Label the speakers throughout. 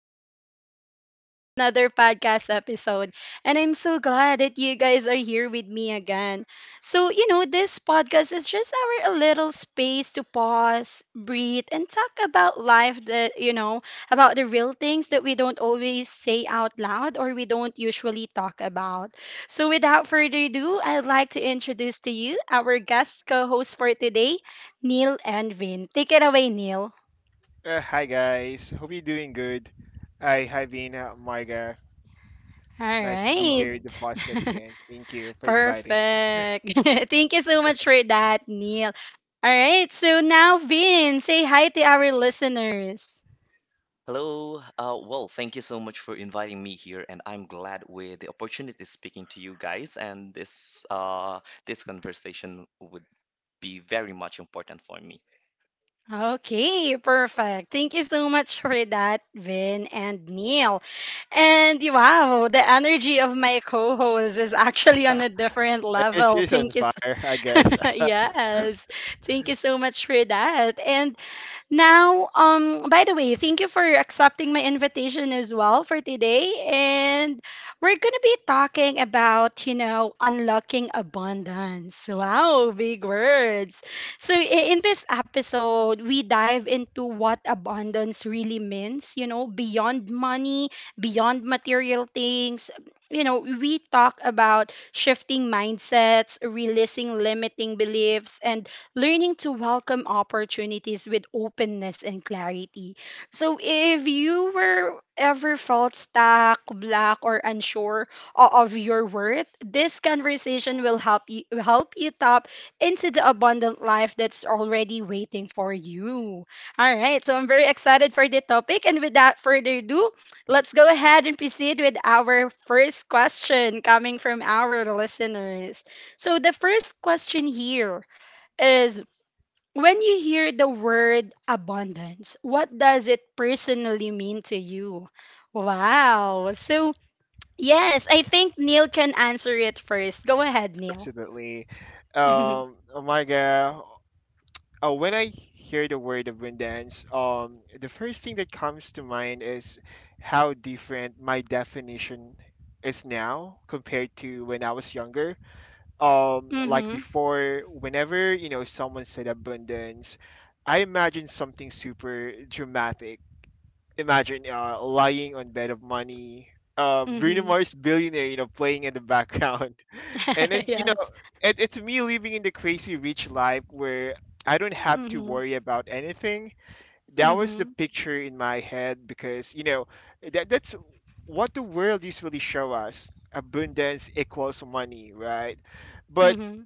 Speaker 1: and welcome back to another podcast episode. And I'm so glad that you guys are here with me again. So, you know, this podcast is just our a little space to pause, breathe, and talk about life that, you know, about the real things that we don't always say out loud or we don't usually talk about. So, without further ado, I'd like to introduce to you our guest co host for today, Neil and Vin. Take it away, Neil.
Speaker 2: Hi guys, hope you're doing good. I have been Marga.
Speaker 1: All
Speaker 2: Nice to be
Speaker 1: right.
Speaker 2: here
Speaker 3: Hello.
Speaker 2: at the podcast again. Thank you for inviting.
Speaker 1: Perfect. Thank you so much for that, Neil. All right. So now, Vin, say hi to our listeners.
Speaker 3: Hello. Thank you so much for inviting me here, and I'm glad with the opportunity speaking to you guys. And this conversation would be very much important for me.
Speaker 1: Okay, perfect. Thank you so much for that, Vin and Neil. And wow, the energy of my co-host is actually on a different level.
Speaker 2: Cheers on
Speaker 1: Thank you. So,
Speaker 2: fire, I guess.
Speaker 1: yes. Thank you so much for that. And now, by the way, thank you for accepting my invitation as well for today. And we're going to be talking about, you know, unlocking abundance. Wow, big words. So, in this episode, we dive into what abundance really means, you know, beyond money, beyond material things. You know, we talk about shifting mindsets, releasing limiting beliefs, and learning to welcome opportunities with openness and clarity. So if you were ever felt stuck, black, or unsure of your worth, this conversation will help you tap into the abundant life that's already waiting for you. All right, so I'm very excited for the topic, and without further ado, let's go ahead and proceed with our first question coming from our listeners. So the first question here is, when you hear the word abundance, what does it personally mean to you? Wow. So, yes, I think Neil can answer it first. Go ahead, Neil.
Speaker 2: Absolutely.
Speaker 1: Mm-hmm.
Speaker 2: Marga, when I hear the word of wind dance, the first thing that comes to mind is how different my definition is now compared to when I was younger, like
Speaker 1: Mm-hmm.
Speaker 2: before, whenever you know someone said abundance, I imagine something super dramatic. Imagine lying on bed of money, bruno
Speaker 1: Mm-hmm.
Speaker 2: mars billionaire, you know, playing in the background. And then, you know,
Speaker 1: Yes.
Speaker 2: it's me living in the crazy rich life where I don't have to
Speaker 1: Mm-hmm.
Speaker 2: worry about anything. That was the
Speaker 1: Mm-hmm.
Speaker 2: picture in my head because, you know, that's what the world usually show us. Abundance equals money, right? But
Speaker 1: Mm-hmm.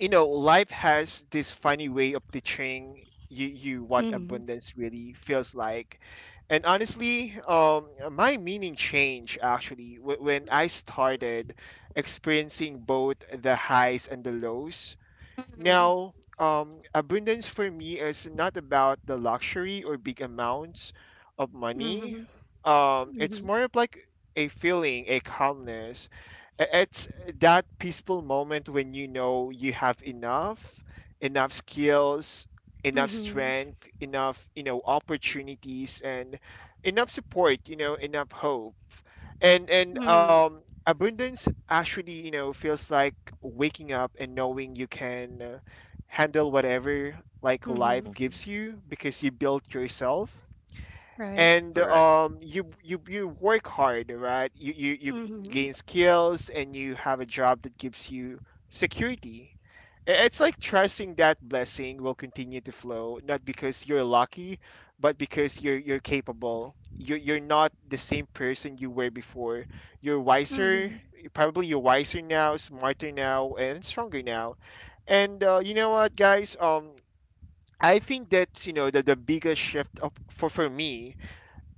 Speaker 2: you know, life has this funny way of teaching you, you what
Speaker 1: Mm-hmm.
Speaker 2: abundance really feels like. And honestly, my meaning changed actually when I started experiencing both the highs and the lows.
Speaker 1: Mhm,
Speaker 2: Now, abundance for me is not about the luxury or big amounts of money.
Speaker 1: mhm,
Speaker 2: It's more of like a feeling, a calmness. It's that peaceful moment when you know you have enough, enough skills,
Speaker 1: mhm,
Speaker 2: enough
Speaker 1: mhm,
Speaker 2: strength, enough, you know, opportunities, and enough support, you know, enough hope. And
Speaker 1: mhm,
Speaker 2: abundance actually, you know, feels like waking up and knowing you can handle whatever like life
Speaker 1: mhm.
Speaker 3: Hmm.
Speaker 2: gives you because you built yourself.
Speaker 1: Right.
Speaker 2: And
Speaker 3: Correct.
Speaker 2: um, you you work hard, right? You
Speaker 1: Mhm,
Speaker 2: gain skills and you have a job that gives you security. It's like trusting that blessing will continue to flow, not because you're lucky, but because you're capable. You're not the same person you were before. You're wiser,
Speaker 1: mhm,
Speaker 2: probably you're wiser now, smarter now, and stronger now. And you know what, guys? I think that, you know, that the biggest shift of, for me,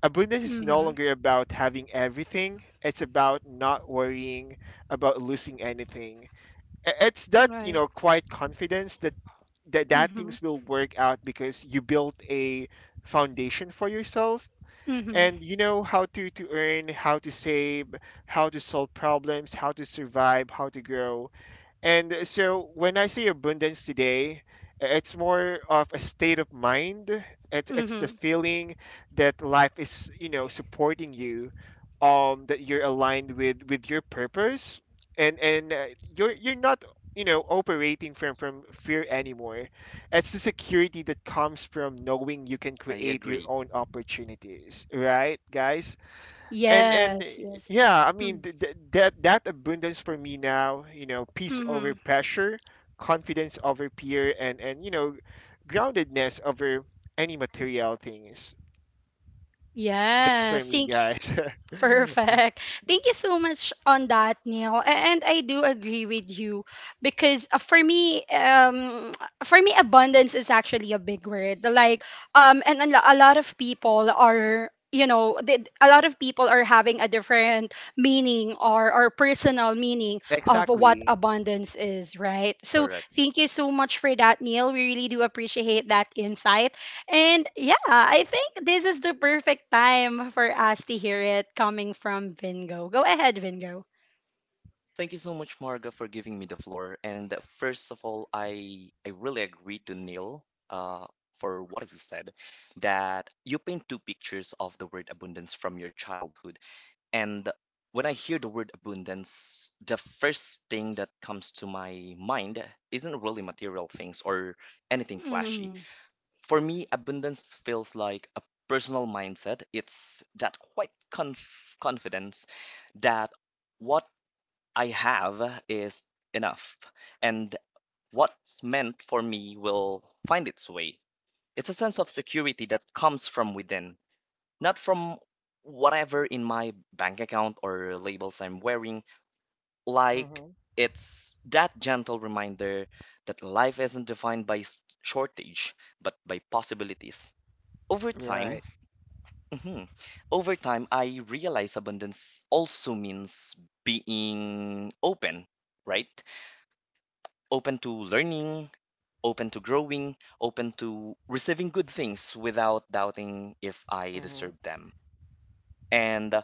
Speaker 2: abundance is no
Speaker 1: mhm.
Speaker 2: longer about having everything. It's about not worrying about losing anything. It's that, you
Speaker 1: Right.
Speaker 2: know, quiet confidence that, that
Speaker 1: Mhm,
Speaker 2: things will work out because you built a foundation for yourself,
Speaker 1: mhm,
Speaker 2: and you know how to earn, how to save, how to solve problems, how to survive, how to grow. And so when I say abundance today, it's more of a state of mind. It's the
Speaker 1: mhm.
Speaker 2: feeling that life is, you know, supporting you, that you're aligned with your purpose, and you're not, you know, operating from fear anymore. It's the security that comes from knowing you can
Speaker 3: I
Speaker 2: create your
Speaker 3: agree.
Speaker 2: own opportunities, right, guys? and and
Speaker 1: Yes,
Speaker 2: eh,
Speaker 1: yes.
Speaker 2: yeah, I mean that that abundance for me now, you know, peace over
Speaker 1: Mm-hmm.
Speaker 2: pressure, confidence over fear, and you know, groundedness over any material things. That's for
Speaker 1: Yes,
Speaker 2: me,
Speaker 1: thank.
Speaker 2: guys.
Speaker 1: Perfect. Thank you so much on that, Neil. And I do agree with you because for me, for me, abundance is actually a big word. Like, and a lot of people are, you know, they, a lot of people are having a different meaning or personal meaning of what
Speaker 2: Exactly.
Speaker 1: abundance is, right? So
Speaker 3: Correct.
Speaker 1: thank you so much for that, Neil. We really do appreciate that insight. And yeah, I think this is the perfect time for us to hear it coming from Vingo. Go ahead, Vingo.
Speaker 3: Thank you so much, Marga, for giving me the floor. And First of all, I really agree to Neil uh, for what he said, that you paint two pictures of the word abundance from your childhood. And when I hear the word abundance, the first thing that comes to my mind isn't really material things or anything flashy.
Speaker 1: Mm-hmm.
Speaker 3: For me, abundance feels like a personal mindset. It's that confidence that what I have is enough, and what's meant for me will find its way. It's a sense of security that comes from within, not from whatever in my bank account or labels I'm wearing. Like,
Speaker 2: Hmm.
Speaker 3: it's that gentle reminder that life isn't defined by shortage, but by possibilities. Over
Speaker 2: Right.
Speaker 3: time, mhm, Over time, I realize abundance also means being open, right? Open to learning, open to growing, open to receiving good things without doubting if I
Speaker 2: Hmm.
Speaker 3: deserve them. And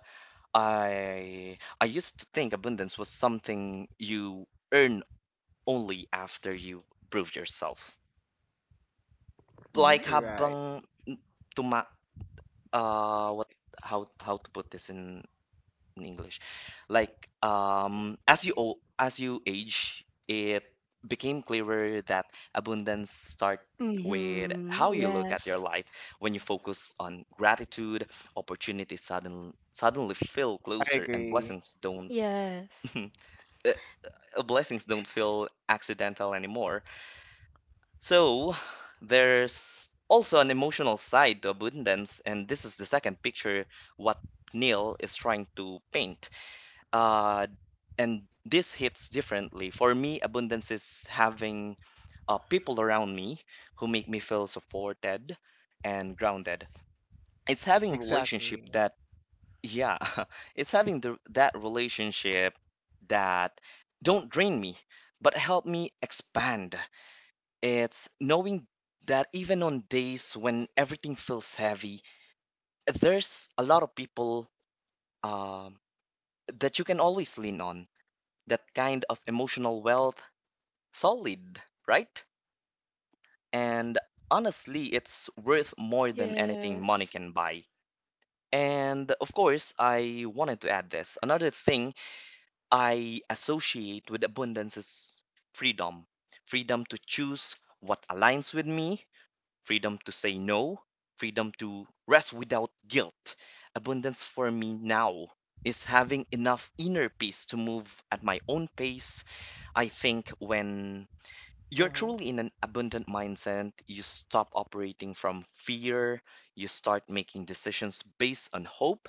Speaker 3: I used to think abundance was something you earn only after you prove yourself. Like
Speaker 2: Right.
Speaker 3: habang n- tuma what how to put this in English? Like, as you as you age, it became clearer that abundance start with
Speaker 1: Mm-hmm.
Speaker 3: how you look at your
Speaker 1: Yes.
Speaker 3: life. When you focus on gratitude, opportunities suddenly feel
Speaker 2: I
Speaker 3: closer, and
Speaker 2: agree.
Speaker 3: blessings don't
Speaker 1: Yes.
Speaker 3: blessings don't feel accidental anymore. So there's also an emotional side to abundance, and this is the second picture what Neil is trying to paint. Uh, and this hits differently. For me, abundance is having people around me who make me feel supported and grounded. It's having relationship
Speaker 2: Exactly.
Speaker 3: that yeah, it's having that relationship that don't drain me, but help me expand. It's knowing that even on days when everything feels heavy, there's a lot of people um, that you can always lean on. That kind of emotional wealth, solid, right? And honestly, it's worth more than anything money
Speaker 1: Yes.
Speaker 3: can buy. And of course, I wanted to add this. Another thing I associate with abundance is freedom. Freedom to choose what aligns with me, freedom to say no, freedom to rest without guilt. Abundance for me now is having enough inner peace to move at my own pace. I think when you're
Speaker 2: Hmm.
Speaker 3: truly in an abundant mindset, you stop operating from fear, you start making decisions based on hope,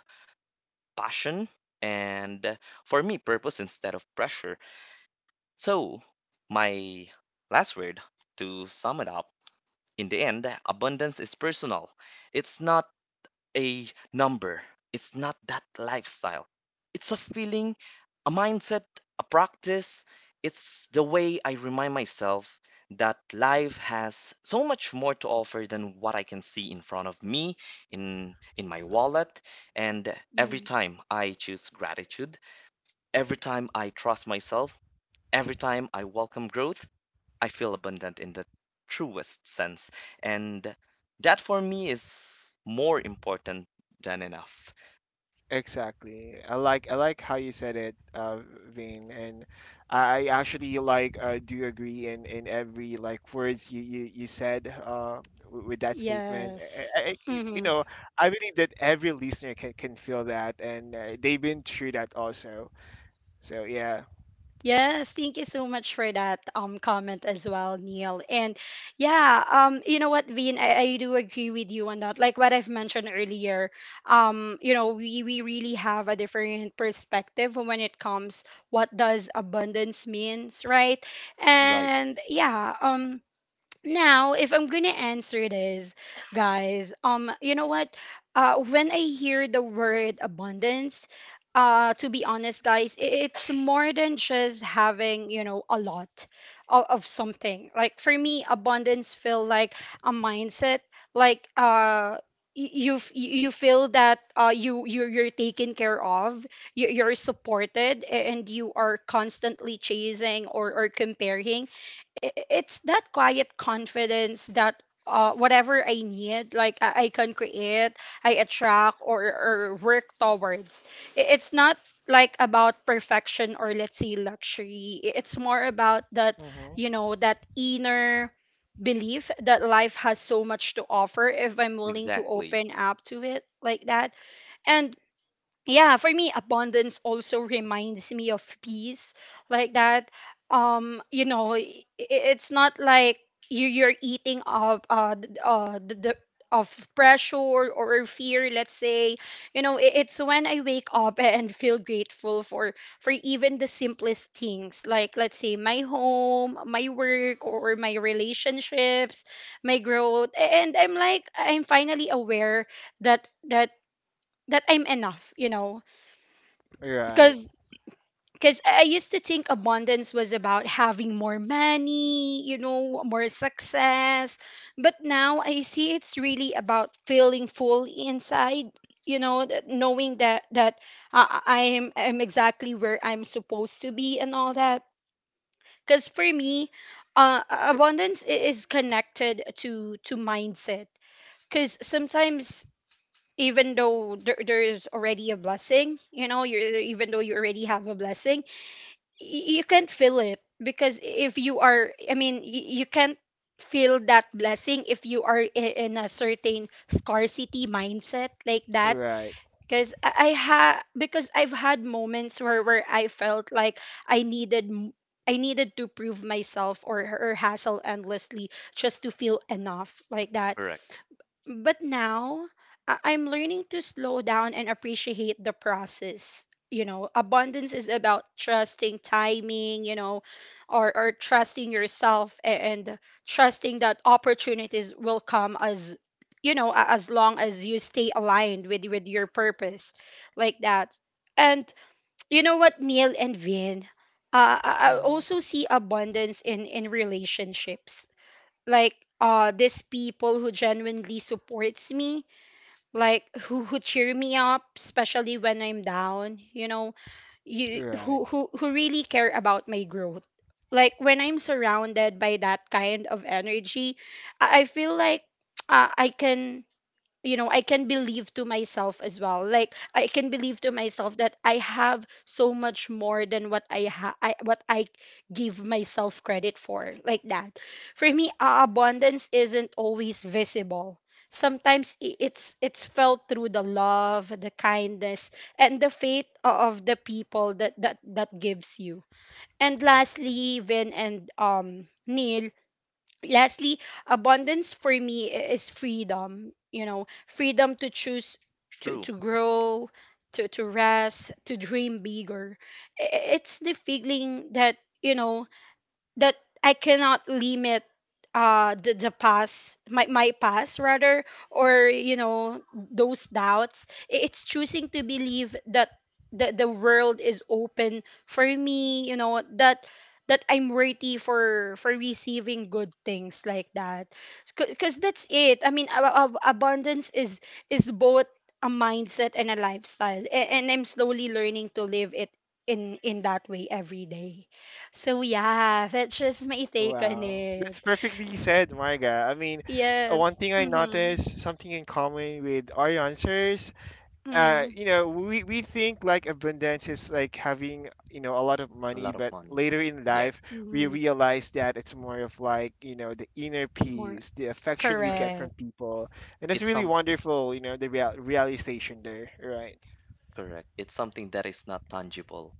Speaker 3: passion, and for me, purpose instead of pressure. So, my last word to sum it up: in the end, abundance is personal. It's not a number, it's not that lifestyle. It's a feeling, a mindset, a practice. It's the way I remind myself that life has so much more to offer than what I can see in front of me, in my wallet. And every
Speaker 1: Mm.
Speaker 3: time I choose gratitude, every time I trust myself, every time I welcome growth, I feel abundant in the truest sense. And that, for me, is more important than enough.
Speaker 2: Exactly. I like how you said it, Vin, and I actually like do agree in every like words you you said with that statement.
Speaker 1: Yes.
Speaker 2: You
Speaker 1: Mm-hmm.
Speaker 2: know, I believe that every listener can feel that, and they've been through that also. So yeah.
Speaker 1: Yes, thank you so much for that comment as well, Neil. And yeah, you know what, Vin, I do agree with you on that. Like what I've mentioned earlier, you know, we really have a different perspective when it comes what does abundance means, right?
Speaker 3: Right.
Speaker 1: And yeah, now, if I'm gonna answer this, guys, you know what? When I hear the word abundance, to be honest, guys, it's more than just having, you know, a lot of something. Like for me, abundance feel like a mindset. Like, you feel that you're taken care of, you, you're supported, and you are constantly chasing or comparing. i- it's that quiet confidence that, whatever I need, like I can create, I attract, or work towards. It's not like about perfection or let's say luxury. It's more about that,
Speaker 2: Mm-hmm.
Speaker 1: you know, that inner belief that life has so much to offer if I'm willing to
Speaker 3: Exactly.
Speaker 1: open up to it, like that. And yeah, for me abundance also reminds me of peace, like that. You know, it's not like you you're eating of the of pressure or fear, let's say. You know, it's when I wake up and feel grateful for even the simplest things, like let's say my home, my work, or my relationships, my growth, and I'm like, I'm finally aware that that I'm enough, you know.
Speaker 2: Right.
Speaker 1: Cause, cause I used to think abundance was about having more money, you know, more success. But now I see it's really about feeling full inside. You know, that knowing that I'm exactly where I'm supposed to be and all that. Cause for me, abundance is connected to mindset. Cause sometimes even though there is already a blessing, you know, you're even though you already have a blessing, you can't feel it, because if you are, I mean, you can't feel that blessing if you are in a certain scarcity mindset, like that.
Speaker 2: Right.
Speaker 1: Because I ha because I've had moments where I felt like i needed m- I needed to prove myself, or hassle endlessly just to feel enough, like that.
Speaker 3: Correct.
Speaker 1: But now I'm learning to slow down and appreciate the process. You know, abundance is about trusting timing, you know, or trusting yourself, and trusting that opportunities will come, as you know, as long as you stay aligned with your purpose, like that. And you know what, Neil and Vin, I
Speaker 2: Mm-hmm.
Speaker 1: also see abundance in relationships, like these people who genuinely supports me, like who cheer me up especially when I'm down, you know, you
Speaker 2: Right.
Speaker 1: who really care about my growth. Like when I'm surrounded by that kind of energy, I feel like I can, you know, I can believe to myself as well, like I can believe to myself that I have so much more than what what I give myself credit for, like that. For me, abundance isn't always visible. Sometimes it's felt through the love, the kindness, and the faith of the people that that that gives you. And lastly, Vin and Neil, lastly, abundance for me is freedom, you know, freedom to choose,
Speaker 3: True.
Speaker 1: to grow, to rest, to dream bigger. It's the feeling that, you know, that I cannot limit the past, my past rather, or you know, those doubts. It's choosing to believe that the world is open for me, you know, that that I'm worthy for receiving good things, like that. Because that's it. I mean, abundance is both a mindset and a lifestyle, and I'm slowly learning to live it in that way every day. So yeah, that's just my take on
Speaker 2: Wow,
Speaker 1: it.
Speaker 2: that's perfectly said, Marga. I mean, one
Speaker 1: Yes.
Speaker 2: thing I
Speaker 1: Mhm.
Speaker 2: noticed, something in common with our answers,
Speaker 1: Mhm.
Speaker 2: you know, we think like abundance is like having, you know, a lot of
Speaker 3: A
Speaker 2: money,
Speaker 3: lot of
Speaker 2: but
Speaker 3: money.
Speaker 2: later in
Speaker 3: Yes.
Speaker 2: life, we
Speaker 1: Mhm.
Speaker 2: realize that it's more of like, you know, the inner
Speaker 1: More
Speaker 2: peace, the affection we
Speaker 3: Correct.
Speaker 2: get from
Speaker 1: correct.
Speaker 2: people. And it's
Speaker 3: It's
Speaker 2: really
Speaker 3: some
Speaker 2: wonderful, you know, the realization there, right?
Speaker 3: Correct. It's something that is not tangible.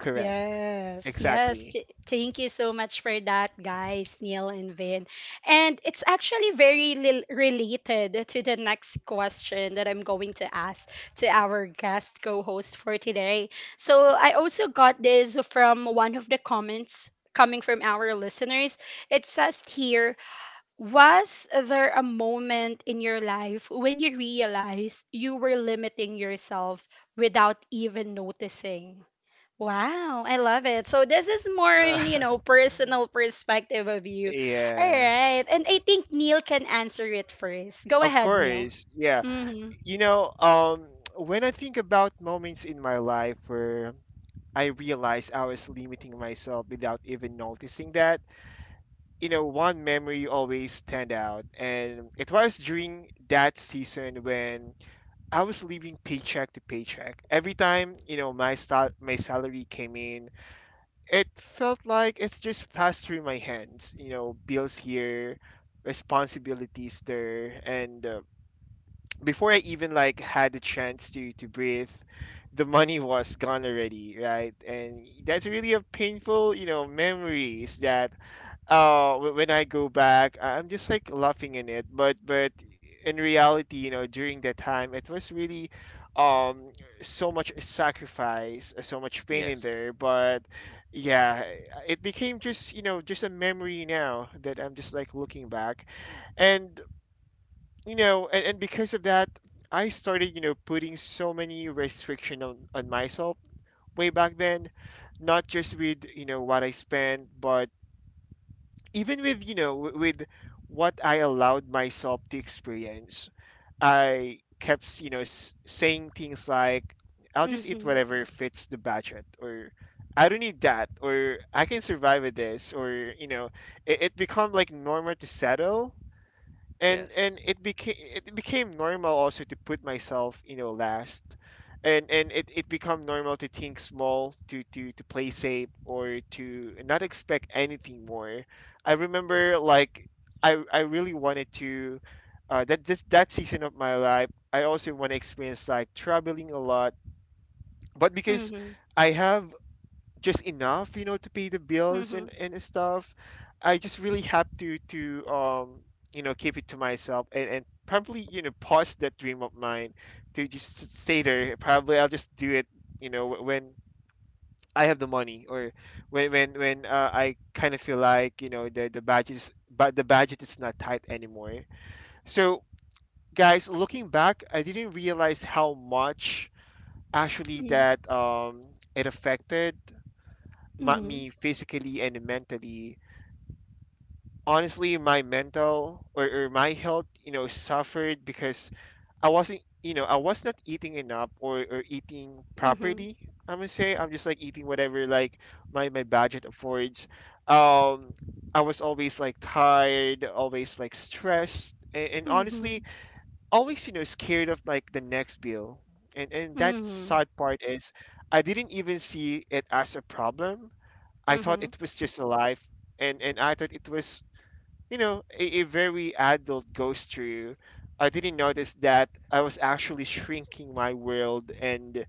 Speaker 2: Correct.
Speaker 1: Yes. Yes.
Speaker 2: Exactly.
Speaker 1: Th- Thank you so much for that, guys, Neil and Vin. And it's actually very related to the next question that I'm going to ask to our guest co-host for today. So I also got this from one of the comments coming from our listeners. It says here, was there a moment in your life when you realized you were limiting yourself without even noticing? Wow, I love it. So this is more
Speaker 2: Uh,
Speaker 1: in, you know, personal perspective of you. All
Speaker 2: yeah.
Speaker 1: right. And I think Neil can answer it first. Go
Speaker 2: Of
Speaker 1: ahead, Neil.
Speaker 2: course. Yeah.
Speaker 1: Mhm.
Speaker 2: You know, when I think about moments in my life where I realized I was limiting myself without even noticing that, you know, one memory always stand out, and it was during that season when I was living paycheck to paycheck. Every time, you know, my salary came in, it felt like it's just passed through my hands. You know, bills here, responsibilities there, and before I even like had the chance to breathe, the money was gone already, right? And that's really a painful, you know, memories that oh, when I go back, I'm just like laughing in it. But in reality, you know, during that time, it was really um so much sacrifice, so much pain in
Speaker 3: Yes.
Speaker 2: there. But yeah, it became just, you know, just a memory now that I'm just like looking back, and you know, and because of that, I started, you know, putting so many restriction on myself way back then, not just with, you know, what I spent, but even with, you know, with what I allowed myself to experience. I kept you know saying things like, "I'll just eat
Speaker 1: Mhm.
Speaker 2: whatever fits the budget," or "I don't need that," or "I can survive with this," or you know, it become like normal to settle, and
Speaker 3: Yes.
Speaker 2: it became, normal also to put myself, you know, last. And it become normal to think small, to to play safe or to not expect anything more. I remember like i really wanted to that season of my life I also want to experience like traveling a lot. But because
Speaker 1: Mhm.
Speaker 2: I have just enough, you know, to pay the bills
Speaker 1: Mhm.
Speaker 2: and stuff, I just really have to you know, keep it to myself, and probably, you know, pause that dream of mine to just stay there. Probably I'll just do it, you know, when I have the money, or when I kind of feel like, you know, the budget is not tight anymore. So guys, looking back, I didn't realize how much actually that it affected
Speaker 1: Mhm.
Speaker 2: me physically and mentally. Honestly, my mental, or my health, you know, suffered because I wasn't, you know, I was not eating enough, or eating
Speaker 1: Mhm.
Speaker 2: properly. I'm gonna say I'm just like eating whatever like my budget affords. Um, I was always like tired, always like stressed, and honestly,
Speaker 1: Mhm.
Speaker 2: always, you know, scared of like the next bill. And that
Speaker 1: Mhm.
Speaker 2: sad part is I didn't even see it as a problem. I thought
Speaker 1: Mhm.
Speaker 2: it was just a life, and I thought it was, you know, a very adult goes through. I didn't notice that I was actually shrinking my world, and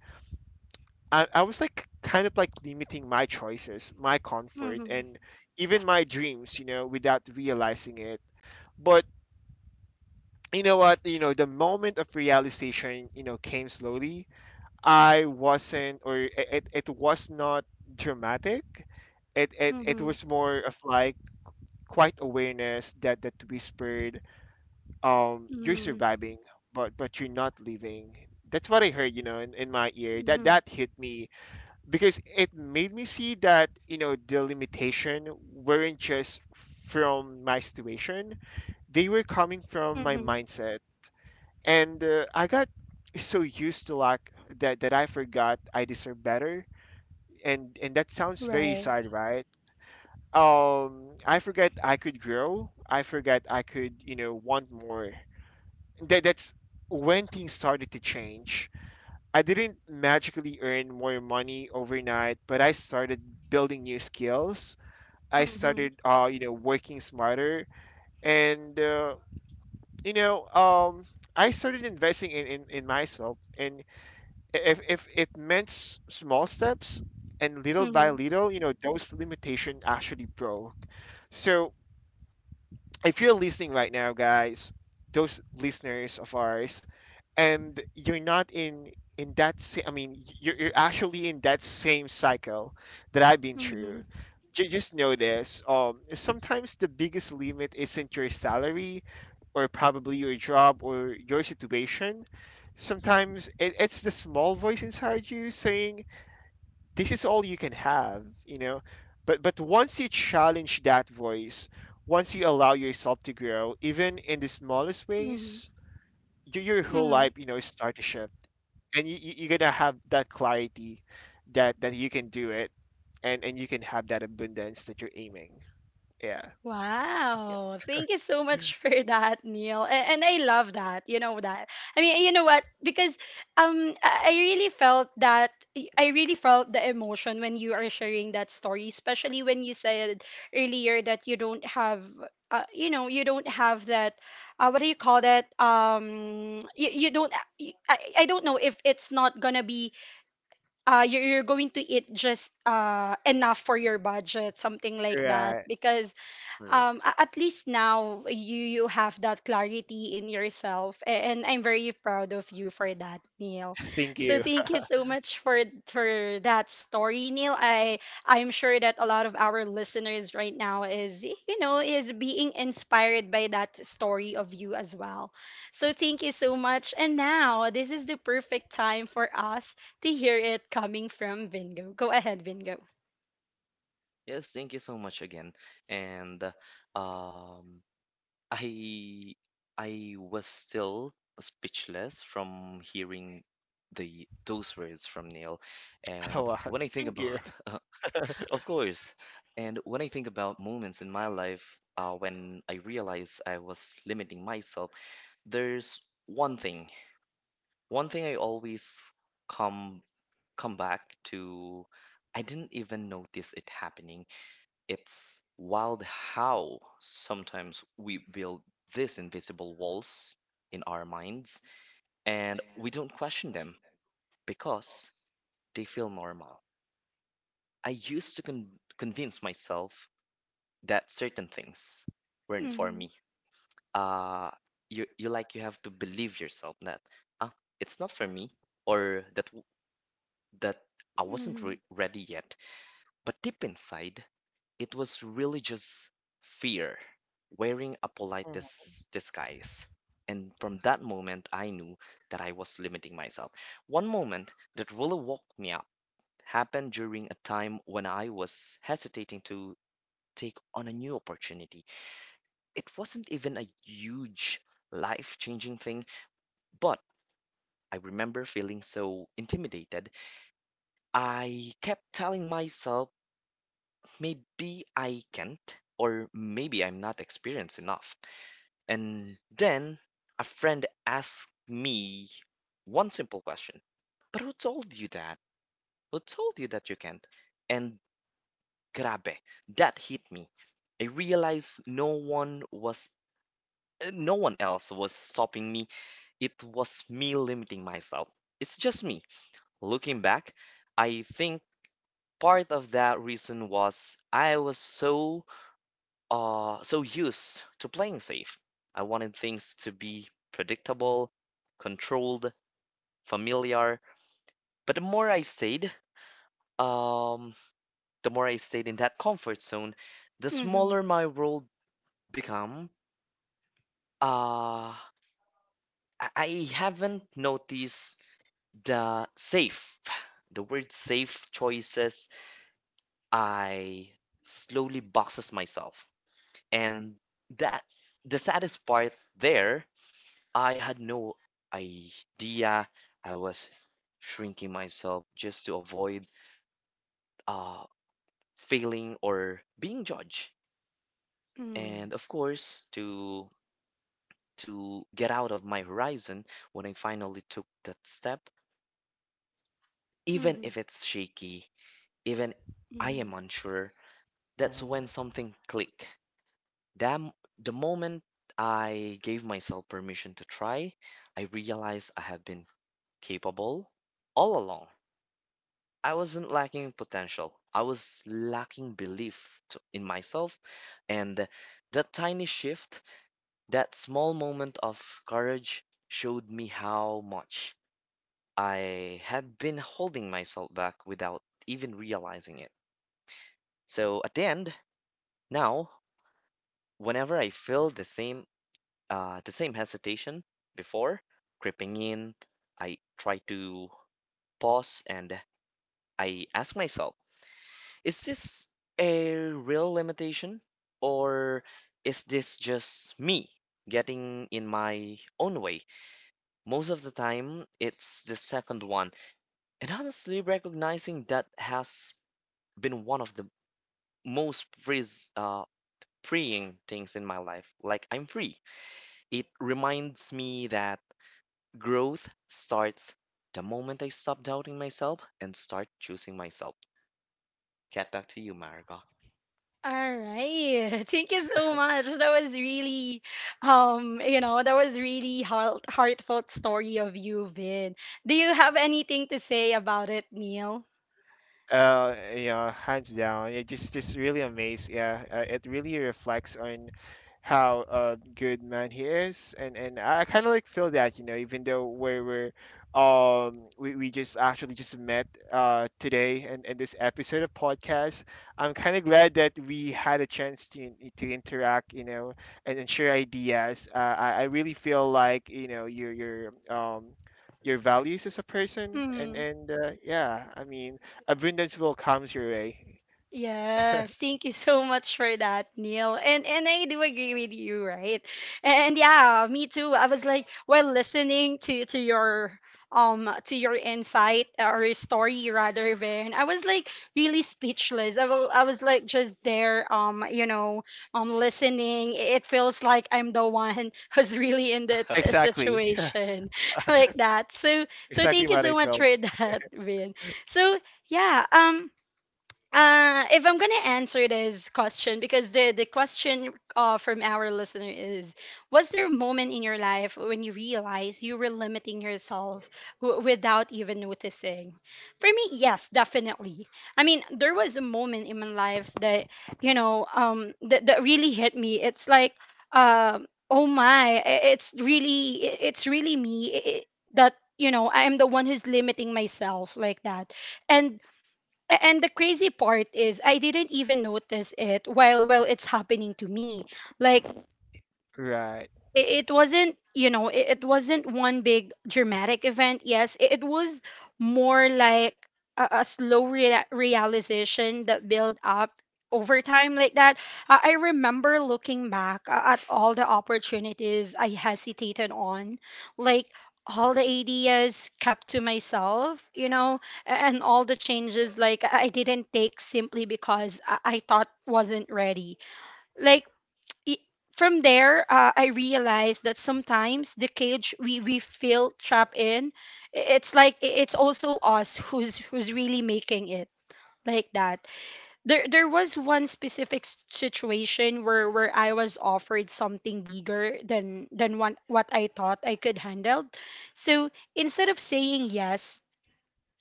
Speaker 2: I was like kind of like limiting my choices, my
Speaker 1: Mhm.
Speaker 2: comfort,
Speaker 1: Mhm.
Speaker 2: and even my dreams, you know, without realizing it. But you know what? You know, the moment of realization, you know, came slowly. I wasn't, or it was not dramatic. It
Speaker 1: Mhm.
Speaker 2: was more of like quiet awareness that whispered, "You're
Speaker 1: Mhm.
Speaker 2: surviving, but you're not leaving." That's what I heard, you know, in my ear. That
Speaker 1: Mhm.
Speaker 2: hit me because it made me see that, you know, the limitation weren't just from my situation; they were coming from my
Speaker 1: Mhm.
Speaker 2: mindset, and I got so used to like that, that I forgot I deserve better. And that sounds very
Speaker 1: Right.
Speaker 2: sad, right? Um, I forgot I could grow, I forgot I could, you know, want more. That's when things started to change. I didn't magically earn more money overnight, but I started building new skills. I
Speaker 1: Mhm.
Speaker 2: started you know, working smarter, and you know, I started investing in, in myself, and if it meant small steps and little by
Speaker 1: Mhm,
Speaker 2: little, you know, those limitation actually broke. So if you're listening right now, guys, those listeners of ours, and you're not in that I mean, you're actually in that same cycle that I've been through,
Speaker 1: mhm,
Speaker 2: Just know this. Sometimes the biggest limit isn't your salary, or probably your job or your situation. Sometimes it's the small voice inside you saying, this is all you can have, you know. But once you challenge that voice, once you allow yourself to grow even in the smallest
Speaker 1: mhm,
Speaker 2: ways, your whole
Speaker 1: mhm.
Speaker 2: life, you know, start to shift, and you're gonna have that clarity that you can do it, and you can have that abundance that you're aiming. Yeah.
Speaker 3: Yeah.
Speaker 1: Wow. Thank you so much for that, Neil. And I love that. You know that. I mean, you know what? Because I really felt that, I really felt the emotion when you are sharing that story, especially when you said earlier that you don't have you know, you don't have that what do you call that? You, you don't, I, I I don't know if it's not going to be you're going to eat just enough for your budget, something like that.
Speaker 2: Right.
Speaker 1: Because
Speaker 3: Correct.
Speaker 1: at least now you have that clarity in yourself, and I'm very proud of you for that, Neil.
Speaker 2: Thank
Speaker 1: So
Speaker 2: you.
Speaker 1: thank you so much for that story, Neil. I'm sure that a lot of our listeners right now is, you know, is being inspired by that story of you as well. So thank you so much, and now this is the perfect time for us to hear it coming from Vingo. Go ahead, Vingo.
Speaker 3: Yes, thank you so much again. And uh, um I I was still speechless from hearing the those words from Neil.
Speaker 2: A
Speaker 3: And
Speaker 2: lot,
Speaker 3: when I think
Speaker 2: thank you.
Speaker 3: about, of course, and when I think about moments in my life when I realized I was limiting myself, there's one thing, one thing I always come come back to. I didn't even notice it happening. It's wild how sometimes we build these invisible walls in our minds and we don't question them because they feel normal. I used to convince myself that certain things weren't for
Speaker 1: Hmm.
Speaker 3: me. Uh, you you like you have to believe yourself that ah, it's not for me, or that I wasn't
Speaker 1: Hmm.
Speaker 3: ready yet. But deep inside, it was really just fear wearing a polite
Speaker 2: Mhm,
Speaker 3: disguise. And from that moment, I knew that I was limiting myself. One moment that really woke me up happened during a time when I was hesitating to take on a new opportunity. It wasn't even a huge life changing thing, but I remember feeling so intimidated. I kept telling myself, maybe I can't, or maybe I'm not experienced enough. And then a friend asked me one simple question. But who told you that? Who told you that you can't? And grabe, that hit me. I realized no one else was stopping me. It was me limiting myself. It's just me. Looking back, I think part of that reason was I was so so used to playing safe. I wanted things to be predictable, controlled, familiar. But um, the more I stayed in that comfort zone, the
Speaker 1: Hmm.
Speaker 3: smaller my world become. Uh, I haven't noticed the safe, the word safe choices. I slowly boxes myself, and that the saddest part there, I had no idea I was shrinking myself just to avoid uh, failing or being judged.
Speaker 1: Mhm.
Speaker 3: And of course, to get out of my horizon, when I finally took that step, even
Speaker 1: Mhm.
Speaker 3: if it's shaky, even I am
Speaker 1: Mhm.
Speaker 3: unsure, that's
Speaker 2: mhm.
Speaker 3: when something clicked. Damn, the moment I gave myself permission to try, I realized I have been capable all along. I wasn't lacking potential. I was lacking in myself. And that tiny shift, that small moment of courage, showed me how much I had been holding myself back without even realizing it. So at the end, now, whenever I feel the same hesitation before creeping in, I try to pause and I ask myself, is this a real limitation, or is this just me getting in my own way? Most of the time, it's the second one. And honestly, recognizing that has been one of the most frees, uh, freeing things in my life. Like, I'm free. It reminds me that growth starts the moment I stop doubting myself and start choosing myself. Get back to you, Marika.
Speaker 1: All right. Thank you so much. That was really, you know, that was really heartfelt story of you, Vin. Do you have anything to say about it, Neil?
Speaker 2: Yeah, hands down. It just really amazed. Yeah, it really reflects on how good man he is, and I kind of like feel that, you know, even though we just actually just met today and in this episode of podcast, I'm kind of glad that we had a chance to interact, you know, and share ideas. I really feel like, you know, your values as a person, and abundance will come your way.
Speaker 1: Yes, thank you so much for that, Neil. And I do agree with you, right? And yeah, me too. I was like while listening to your insight or your story rather, Vern, I was like really speechless. I was like just there, listening. It feels like I'm the one who's really in that
Speaker 2: Exactly.
Speaker 1: situation like that. So
Speaker 2: Exactly
Speaker 1: thank you
Speaker 2: what I
Speaker 1: so much
Speaker 2: felt.
Speaker 1: for that, Vern. So yeah, um. If I'm gonna answer this question, because the question from our listener is, was there a moment in your life when you realized you were limiting yourself without even noticing? For me, yes, definitely. I mean, there was a moment in my life that really hit me. It's like oh my, it's really me I that you know I am the one who's limiting myself like that, and And the crazy part is I didn't even notice it while it's happening to me. Like
Speaker 2: Right.
Speaker 1: it wasn't, you know, it wasn't one big dramatic event, yes, it was more like a slow realization that built up over time like that. I remember looking back at all the opportunities I hesitated on, like all the ideas kept to myself, you know, and all the changes like I didn't take simply because I thought wasn't ready like i- from there, I realized that sometimes the cage we feel trapped in, it's also us who's really making it like that. There was one specific situation where I was offered something bigger than one, what I thought I could handle. So instead of saying yes,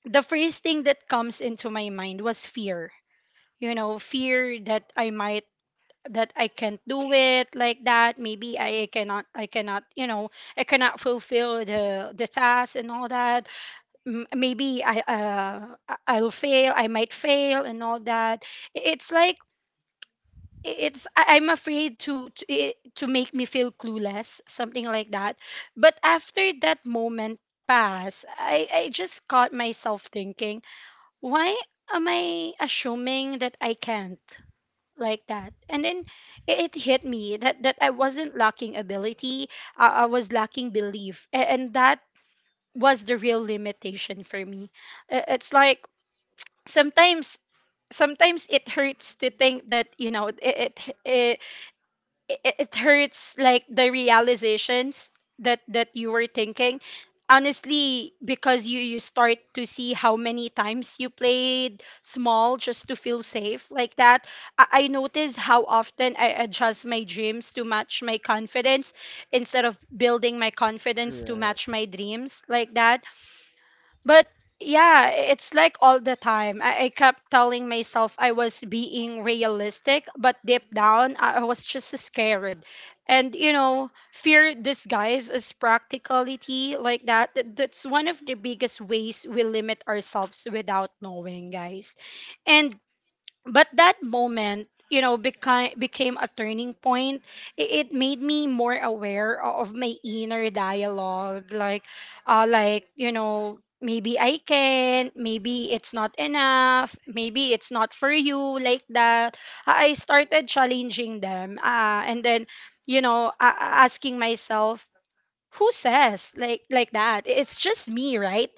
Speaker 1: the first thing that comes into my mind was fear. You know, fear that I might, that I can't do it like that. Maybe I cannot, you know, I cannot fulfill the task and all that. Maybe I'll fail. I might fail and all that. It's like I'm afraid to make me feel clueless, something like that. But after that moment passed, I just caught myself thinking, why am I assuming that I can't? Like that, and then it hit me that I wasn't lacking ability, I was lacking belief, and that was the real limitation for me. It's like sometimes, sometimes it hurts to think that, you know, it hurts like the realizations that you were thinking honestly, because you start to see how many times you played small just to feel safe like that. I notice how often I adjust my dreams to match my confidence instead of building my confidence to
Speaker 2: Right.
Speaker 1: match my dreams like that. But yeah, it's like all the time. I kept telling myself I was being realistic, but deep down, I was just scared. And you know, fear disguised as practicality like that. That's one of the biggest ways we limit ourselves without knowing, guys. And but that moment, you know, became a turning point. It made me more aware of my inner dialogue, like you know, maybe I can, maybe it's not enough, maybe it's not for you like that. I started challenging them, and then, you know uh, asking myself, who says like that, it's just me, right?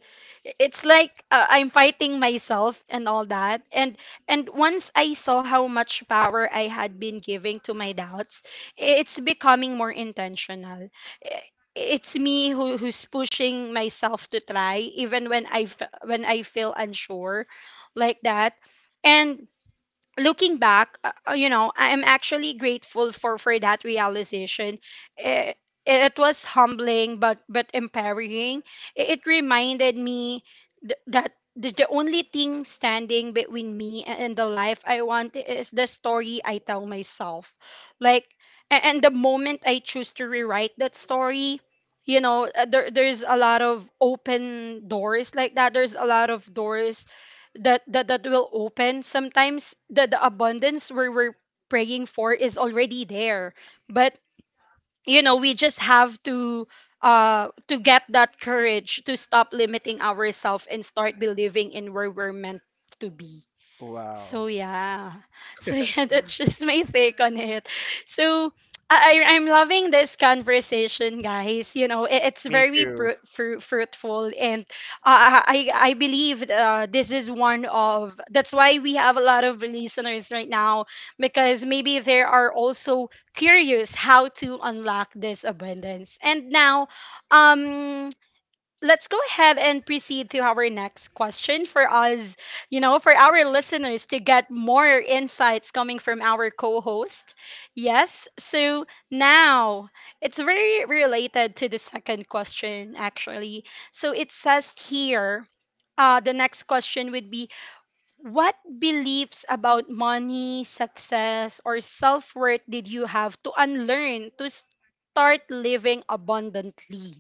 Speaker 1: It's like, I'm fighting myself and all that. And once I saw how much power I had been giving to my doubts, it's becoming more intentional. I- it's me who, who's pushing myself to try even when when I feel unsure like that. And looking back, you know, I am actually grateful for that realization. Eh, It was humbling but empowering. It reminded me that the only thing standing between me and the life I want is the story I tell myself. Like and the moment I choose to rewrite that story, you know, there's a lot of open doors like that. There's a lot of doors that will open. Sometimes the abundance we're praying for is already there, but you know we just have to get that courage to stop limiting ourselves and start believing in where we're meant to be.
Speaker 2: Wow.
Speaker 1: So yeah. So yeah, that's just my take on it. So I'm loving this conversation, guys. You know, it's
Speaker 2: Me
Speaker 1: very
Speaker 2: too.
Speaker 1: fruitful, and I believe this is one of that's why we have a lot of listeners right now, because maybe they are also curious how to unlock this abundance. And now, um, let's go ahead and proceed to our next question for us, you know, for our listeners to get more insights coming from our co host. Yes. So now it's very related to the second question, actually. So it says here, the next question would be, what beliefs about money, success, or self worth did you have to unlearn to start living abundantly?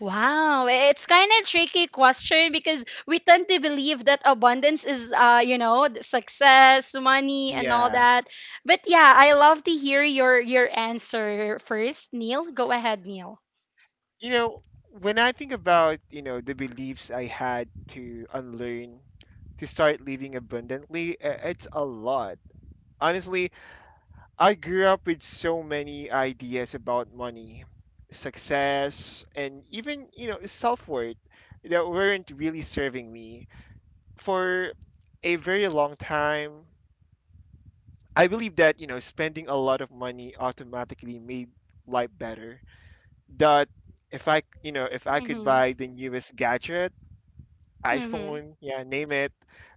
Speaker 1: Wow, it's kind of tricky question because we tend to believe that abundance is, you know, the success, money, and all
Speaker 2: Yeah.
Speaker 1: that. But yeah, I love to hear your answer first, Neil. Go ahead, Neil.
Speaker 2: You know, when I think about, you know, the beliefs I had to unlearn to start living abundantly, it's a lot. Honestly, I grew up with so many ideas about money, success, and even, you know, self-worth that weren't really serving me. For a very long time, I believe that, you know, spending a lot of money automatically made life better. That if I, you know, if I could
Speaker 1: Mhm.
Speaker 2: buy the newest gadget,
Speaker 1: Mhm.
Speaker 2: iPhone, yeah, name it,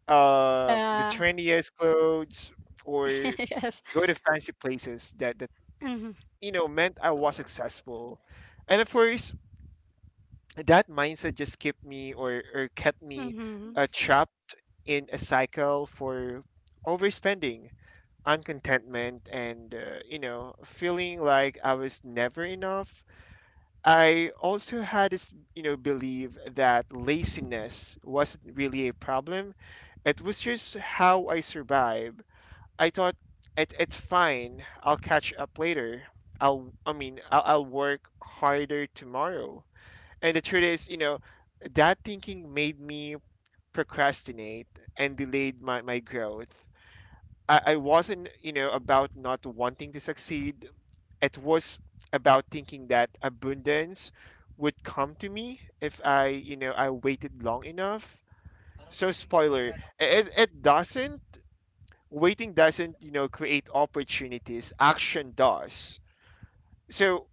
Speaker 2: the
Speaker 1: Yeah.
Speaker 2: trendiest clothes, or
Speaker 1: Yes.
Speaker 2: go to fancy places that,
Speaker 1: Mhm.
Speaker 2: you know, meant I was successful. And of course, that mindset just kept me, or kept me
Speaker 1: Mhm.
Speaker 2: trapped in a cycle for overspending, uncontentment, and, you know, feeling like I was never enough. I also had this, you know, belief that laziness wasn't really a problem. It was just how I survive. I thought it's fine. I'll catch up later. I'll I mean I'll work harder tomorrow. And the truth is, you know, that thinking made me procrastinate and delayed my growth. I wasn't, you know, about not wanting to succeed. It was about thinking that abundance would come to me if I, you know, I waited long enough. So spoiler, it doesn't. Waiting doesn't, you know, create opportunities. Action does. So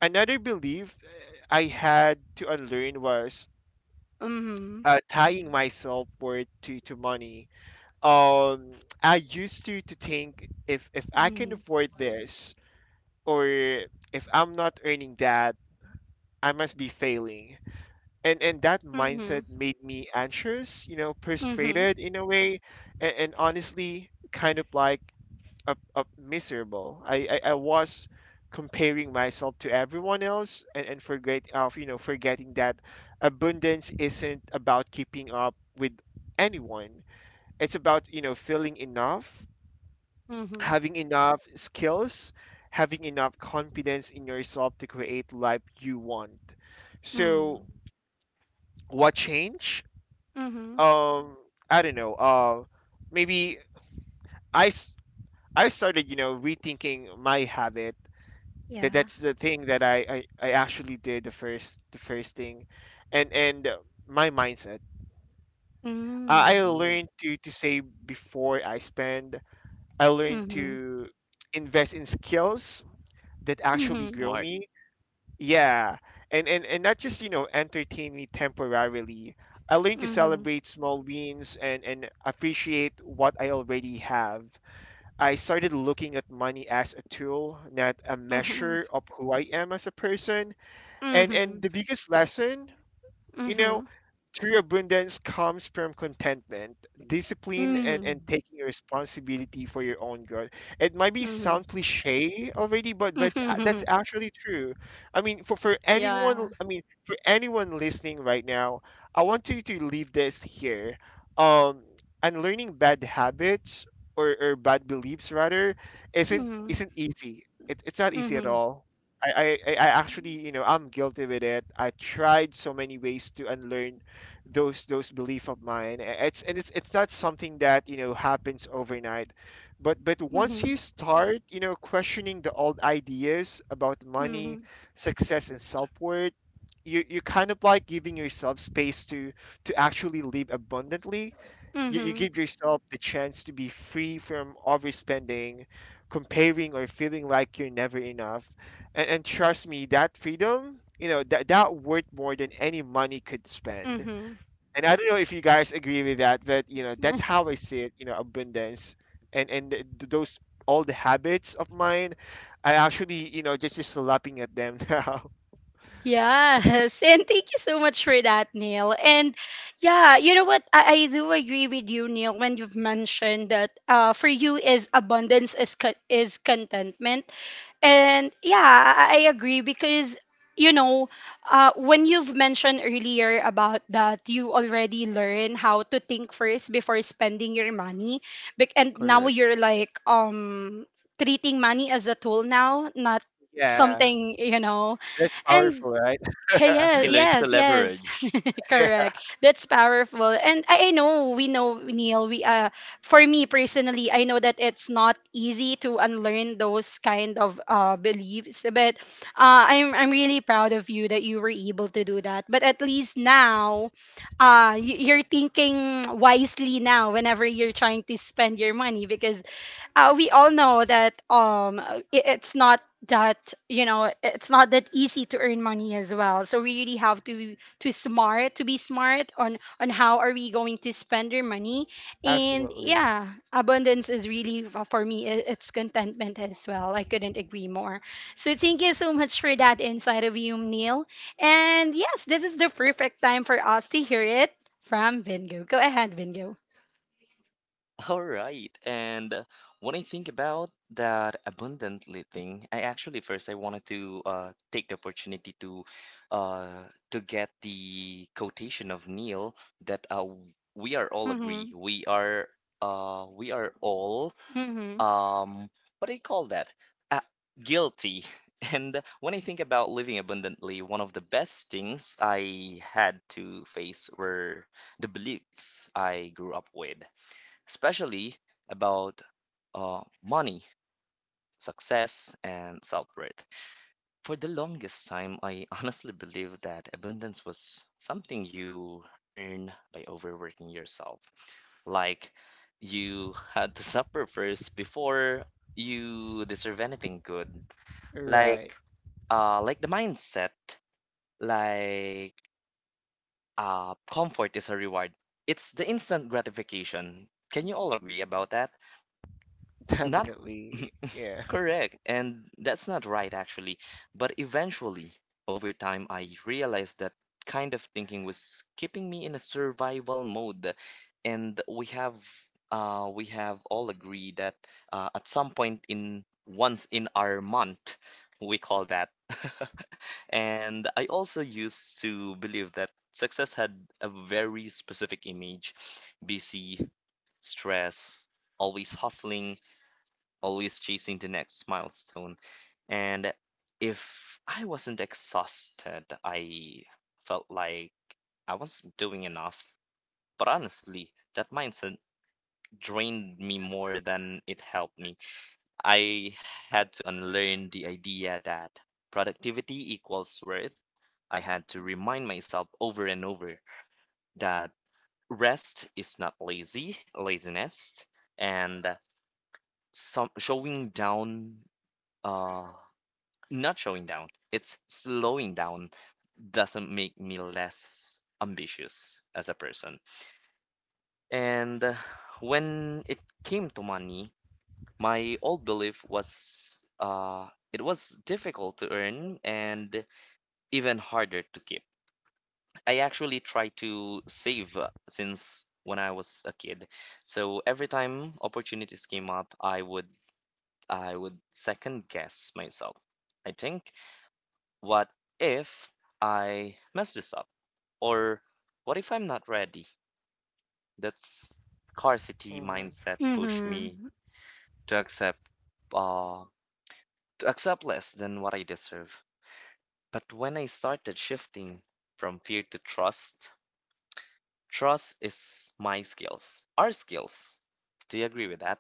Speaker 2: another belief I had to unlearn was
Speaker 1: Mhm.
Speaker 2: tying myself worth to money. Um, I used to think if I can
Speaker 1: Mhm.
Speaker 2: afford this, or if I'm not earning that, I must be failing. And that
Speaker 1: Mhm.
Speaker 2: mindset made me anxious, you know,
Speaker 1: Mhm.
Speaker 2: frustrated in a way, and honestly, kind of like a miserable. I was comparing myself to everyone else, and forget of you know forgetting that abundance isn't about keeping up with anyone. It's about, you know, feeling enough,
Speaker 1: Mhm.
Speaker 2: having enough skills, having enough confidence in yourself to create life you want. So,
Speaker 1: Mm.
Speaker 2: what change?
Speaker 1: Mhm.
Speaker 2: Um, I don't know. Maybe I s- I started, you know, rethinking my habit. That
Speaker 1: Yeah.
Speaker 2: that's the thing that I actually did the first thing, and my mindset. I
Speaker 1: Mm.
Speaker 3: Hmm.
Speaker 2: learned to save before I spend. I learned
Speaker 1: Mhm.
Speaker 2: to invest in skills that actually
Speaker 1: Mhm.
Speaker 2: grow
Speaker 3: Smart.
Speaker 2: me. Yeah, and not just, you know, entertain me temporarily. I learned to
Speaker 1: Mhm.
Speaker 2: celebrate small wins and appreciate what I already have. I started looking at money as a tool, not a
Speaker 1: Mhm.
Speaker 2: measure of who I am as a person. And
Speaker 1: Mhm.
Speaker 2: the biggest lesson, you know,
Speaker 1: Mhm.
Speaker 2: true abundance comes from contentment, discipline,
Speaker 1: Mm.
Speaker 2: and taking responsibility for your own growth. It might be
Speaker 1: Mhm. Mhm.
Speaker 2: sound cliche already, but that's actually true.
Speaker 1: Yeah.
Speaker 2: I mean, for anyone listening right now, I want you to leave this here. Um, unlearning bad habits, or bad beliefs rather,
Speaker 1: Mhm.
Speaker 2: isn't easy. It's not easy at
Speaker 1: Mhm.
Speaker 2: all. I actually, you know, I'm guilty with it. I tried so many ways to unlearn those belief of mine. It's, and it's, it's not something that, you know, happens overnight, but once
Speaker 1: Mhm.
Speaker 2: you start, you know, questioning the old ideas about money,
Speaker 1: Mhm.
Speaker 2: success, and self-worth, you kind of like giving yourself space to actually live abundantly. You
Speaker 1: Mhm.
Speaker 2: give yourself the chance to be free from overspending, comparing, or feeling like you're never enough. And trust me, that freedom, you know, that that worth more than any money could spend. And I don't know if you guys agree with that, but you know,
Speaker 1: Mhm.
Speaker 2: that's how I see it. You know, abundance and those, all the habits of mine, I actually, you know, just lapping at them now.
Speaker 1: Yes, and thank you so much for that, Neil. And yeah, you know what? I do agree with you, Neil, when you've mentioned that for you is abundance is is contentment. And yeah, I agree because you know when you've mentioned earlier about that you already learn how to think first before spending your money. And now
Speaker 3: Correct.
Speaker 1: you're like treating money as a tool now, not
Speaker 2: Yeah,
Speaker 1: something you know.
Speaker 2: that's
Speaker 1: And.
Speaker 2: powerful, right?
Speaker 3: He learns to
Speaker 1: Yes, yes, yes,
Speaker 3: leverage.
Speaker 2: Yeah,
Speaker 1: correct. That's powerful. And I know, we know, Neil, we for me personally, I know that it's not easy to unlearn those kind of beliefs, but I'm really proud of you that you were able to do that. But at least now, you're thinking wisely now whenever you're trying to spend your money, because we all know that it's not that you know it's not that easy to earn money as well, so we really have to be- to smart to be smart on how are we going to spend our money. And
Speaker 2: absolutely.
Speaker 1: yeah, abundance is really, for me it's contentment as well. I couldn't agree more. So thank you so much for that insight of you, Neil. And yes, this is the perfect time for us to hear it from Vingo. Go ahead, Vingo.
Speaker 3: All right. And When I think about that abundantly thing, I actually first I wanted to take the opportunity uh, to get the quotation of Neil, that we are all agree. We are all
Speaker 1: Mm-hmm.
Speaker 3: um what do you call that, uh, guilty. And when I think about living abundantly, one of the best things I had to face were the beliefs I grew up with, especially about money, success and self-worth. For the longest time, I honestly believed that abundance was something you earn by overworking yourself. Like you had to suffer first before you deserve anything good.
Speaker 2: Right,
Speaker 3: Like like the mindset, like comfort is a reward. It's the instant gratification. Can you all agree about that? Not
Speaker 2: definitely. Yeah.
Speaker 3: correct. And that's not right, actually. But eventually, over time, I realized that kind of thinking was keeping me in a survival mode. And we have all agreed that at some point in once in our month, we call that. And I also used to believe that success had a very specific image: busy, stress, always hustling, always chasing the next milestone. And if I wasn't exhausted, I felt like I wasn't doing enough. But honestly, that mindset drained me more than it helped me. I had to unlearn the idea that productivity equals worth. I had to remind myself over and over that rest is not laziness, and some showing down uh, Not showing down, it's slowing down doesn't make me less ambitious as a person. And when it came to money, my old belief was it was difficult to earn and even harder to keep. I actually try to save since when I was a kid. So every time opportunities came up, I would second guess myself. I think, what if I mess this up? Or what if I'm not ready? That's scarcity
Speaker 2: Hmm.
Speaker 3: mindset push
Speaker 1: Mm-hmm.
Speaker 3: me to uh, accept less than what I deserve. But when I started shifting from fear to trust, trust is my skills, our skills. Do you agree with that?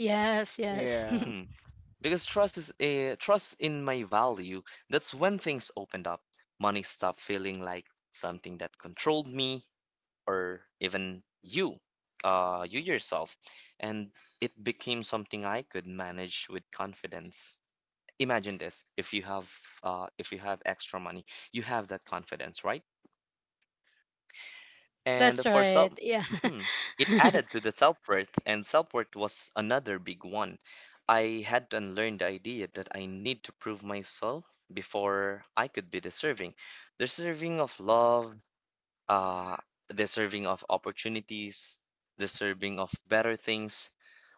Speaker 1: Yes, yes.
Speaker 2: Yeah,
Speaker 3: Because trust is a trust in my value. That's when things opened up. Money stopped feeling like something that controlled me, or even you, you yourself. And it became something I could manage with confidence. Imagine this: if you have extra money, you have that confidence, right? And
Speaker 1: That's
Speaker 3: for
Speaker 1: right.
Speaker 3: self,
Speaker 1: Yeah.
Speaker 3: mhm, it added to the self-worth, and self-worth was another big one. I had to unlearn the idea that I need to prove myself before I could be deserving. Deserving of love, uh, Deserving of opportunities, deserving of better things.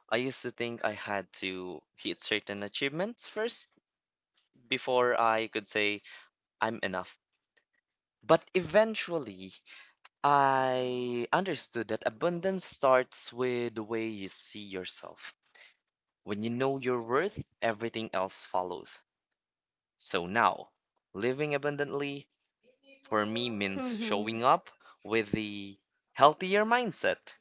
Speaker 3: I used to think I had to hit certain achievements first before I could say I'm enough. But eventually, I understood that abundance starts with the way you see yourself. When you know your worth, everything else follows. So now, living abundantly for me means
Speaker 1: Mm-hmm.
Speaker 3: showing up with the healthier mindset,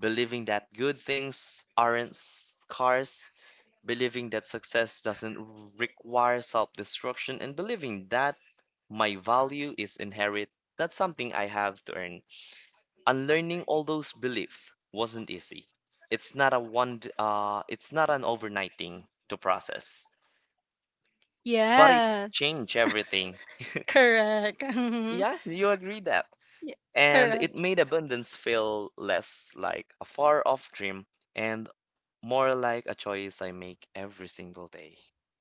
Speaker 3: believing that good things aren't scarce, believing that success doesn't require self destruction, and believing that my value is inherent, that's something I have to earn. Unlearning all those beliefs wasn't easy. It's not an overnight thing to process, but it
Speaker 1: Yes.
Speaker 3: changed everything.
Speaker 1: Correct. Mm-hmm.
Speaker 3: Yeah, you agree that.
Speaker 1: Yeah,
Speaker 3: And it
Speaker 1: correct.
Speaker 3: made abundance feel less like a far off dream and more like a choice I make every single day.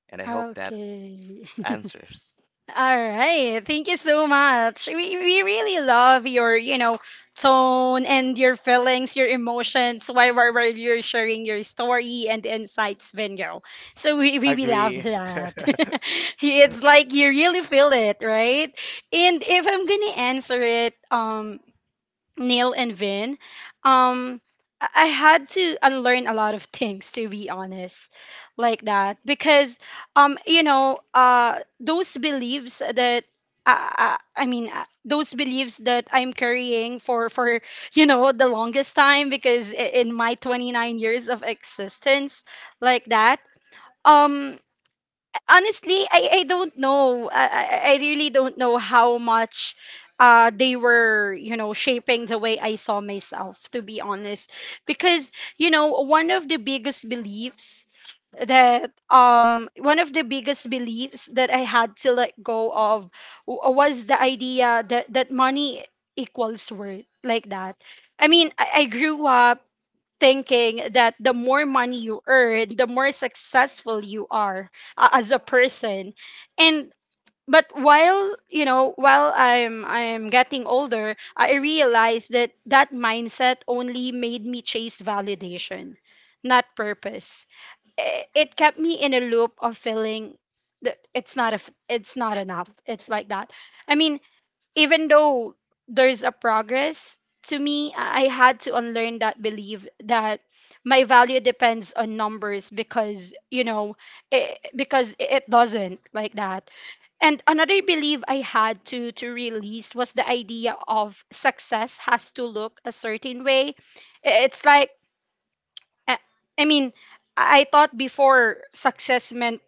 Speaker 3: And I hope that
Speaker 1: Okay.
Speaker 3: answers.
Speaker 1: All right. Thank you so much. We really love your, you know, tone and your feelings, your emotions while, while you're sharing your story and insights, Vinyo. So we, we love
Speaker 2: agree.
Speaker 1: that. It's like you really feel it, right? And if I'm going to answer it, Neil and Vin, um, I had to unlearn a lot of things to be honest, like that, because, you know, those beliefs that. I mean those beliefs that I'm carrying for you know the longest time, because in my 29 years of existence like that. um Honestly, I don't know. I really don't know how much they were, you know, shaping the way I saw myself, to be honest. Because, you know, one of the biggest beliefs that one of the biggest beliefs that I had to let go of was the idea that money equals worth like that. I mean, I grew up thinking that the more money you earn, the more successful you are as a person. And but while you know while I'm getting older, I realized that that mindset only made me chase validation, not purpose. It kept me in a loop of feeling that it's not a it's not enough, it's like that. I mean, even though there's a progress to me, I had to unlearn that belief that my value depends on numbers, because because it doesn't, like that. And another belief I had to release was the idea of success has to look a certain way. It's like, i I mean, I thought before success meant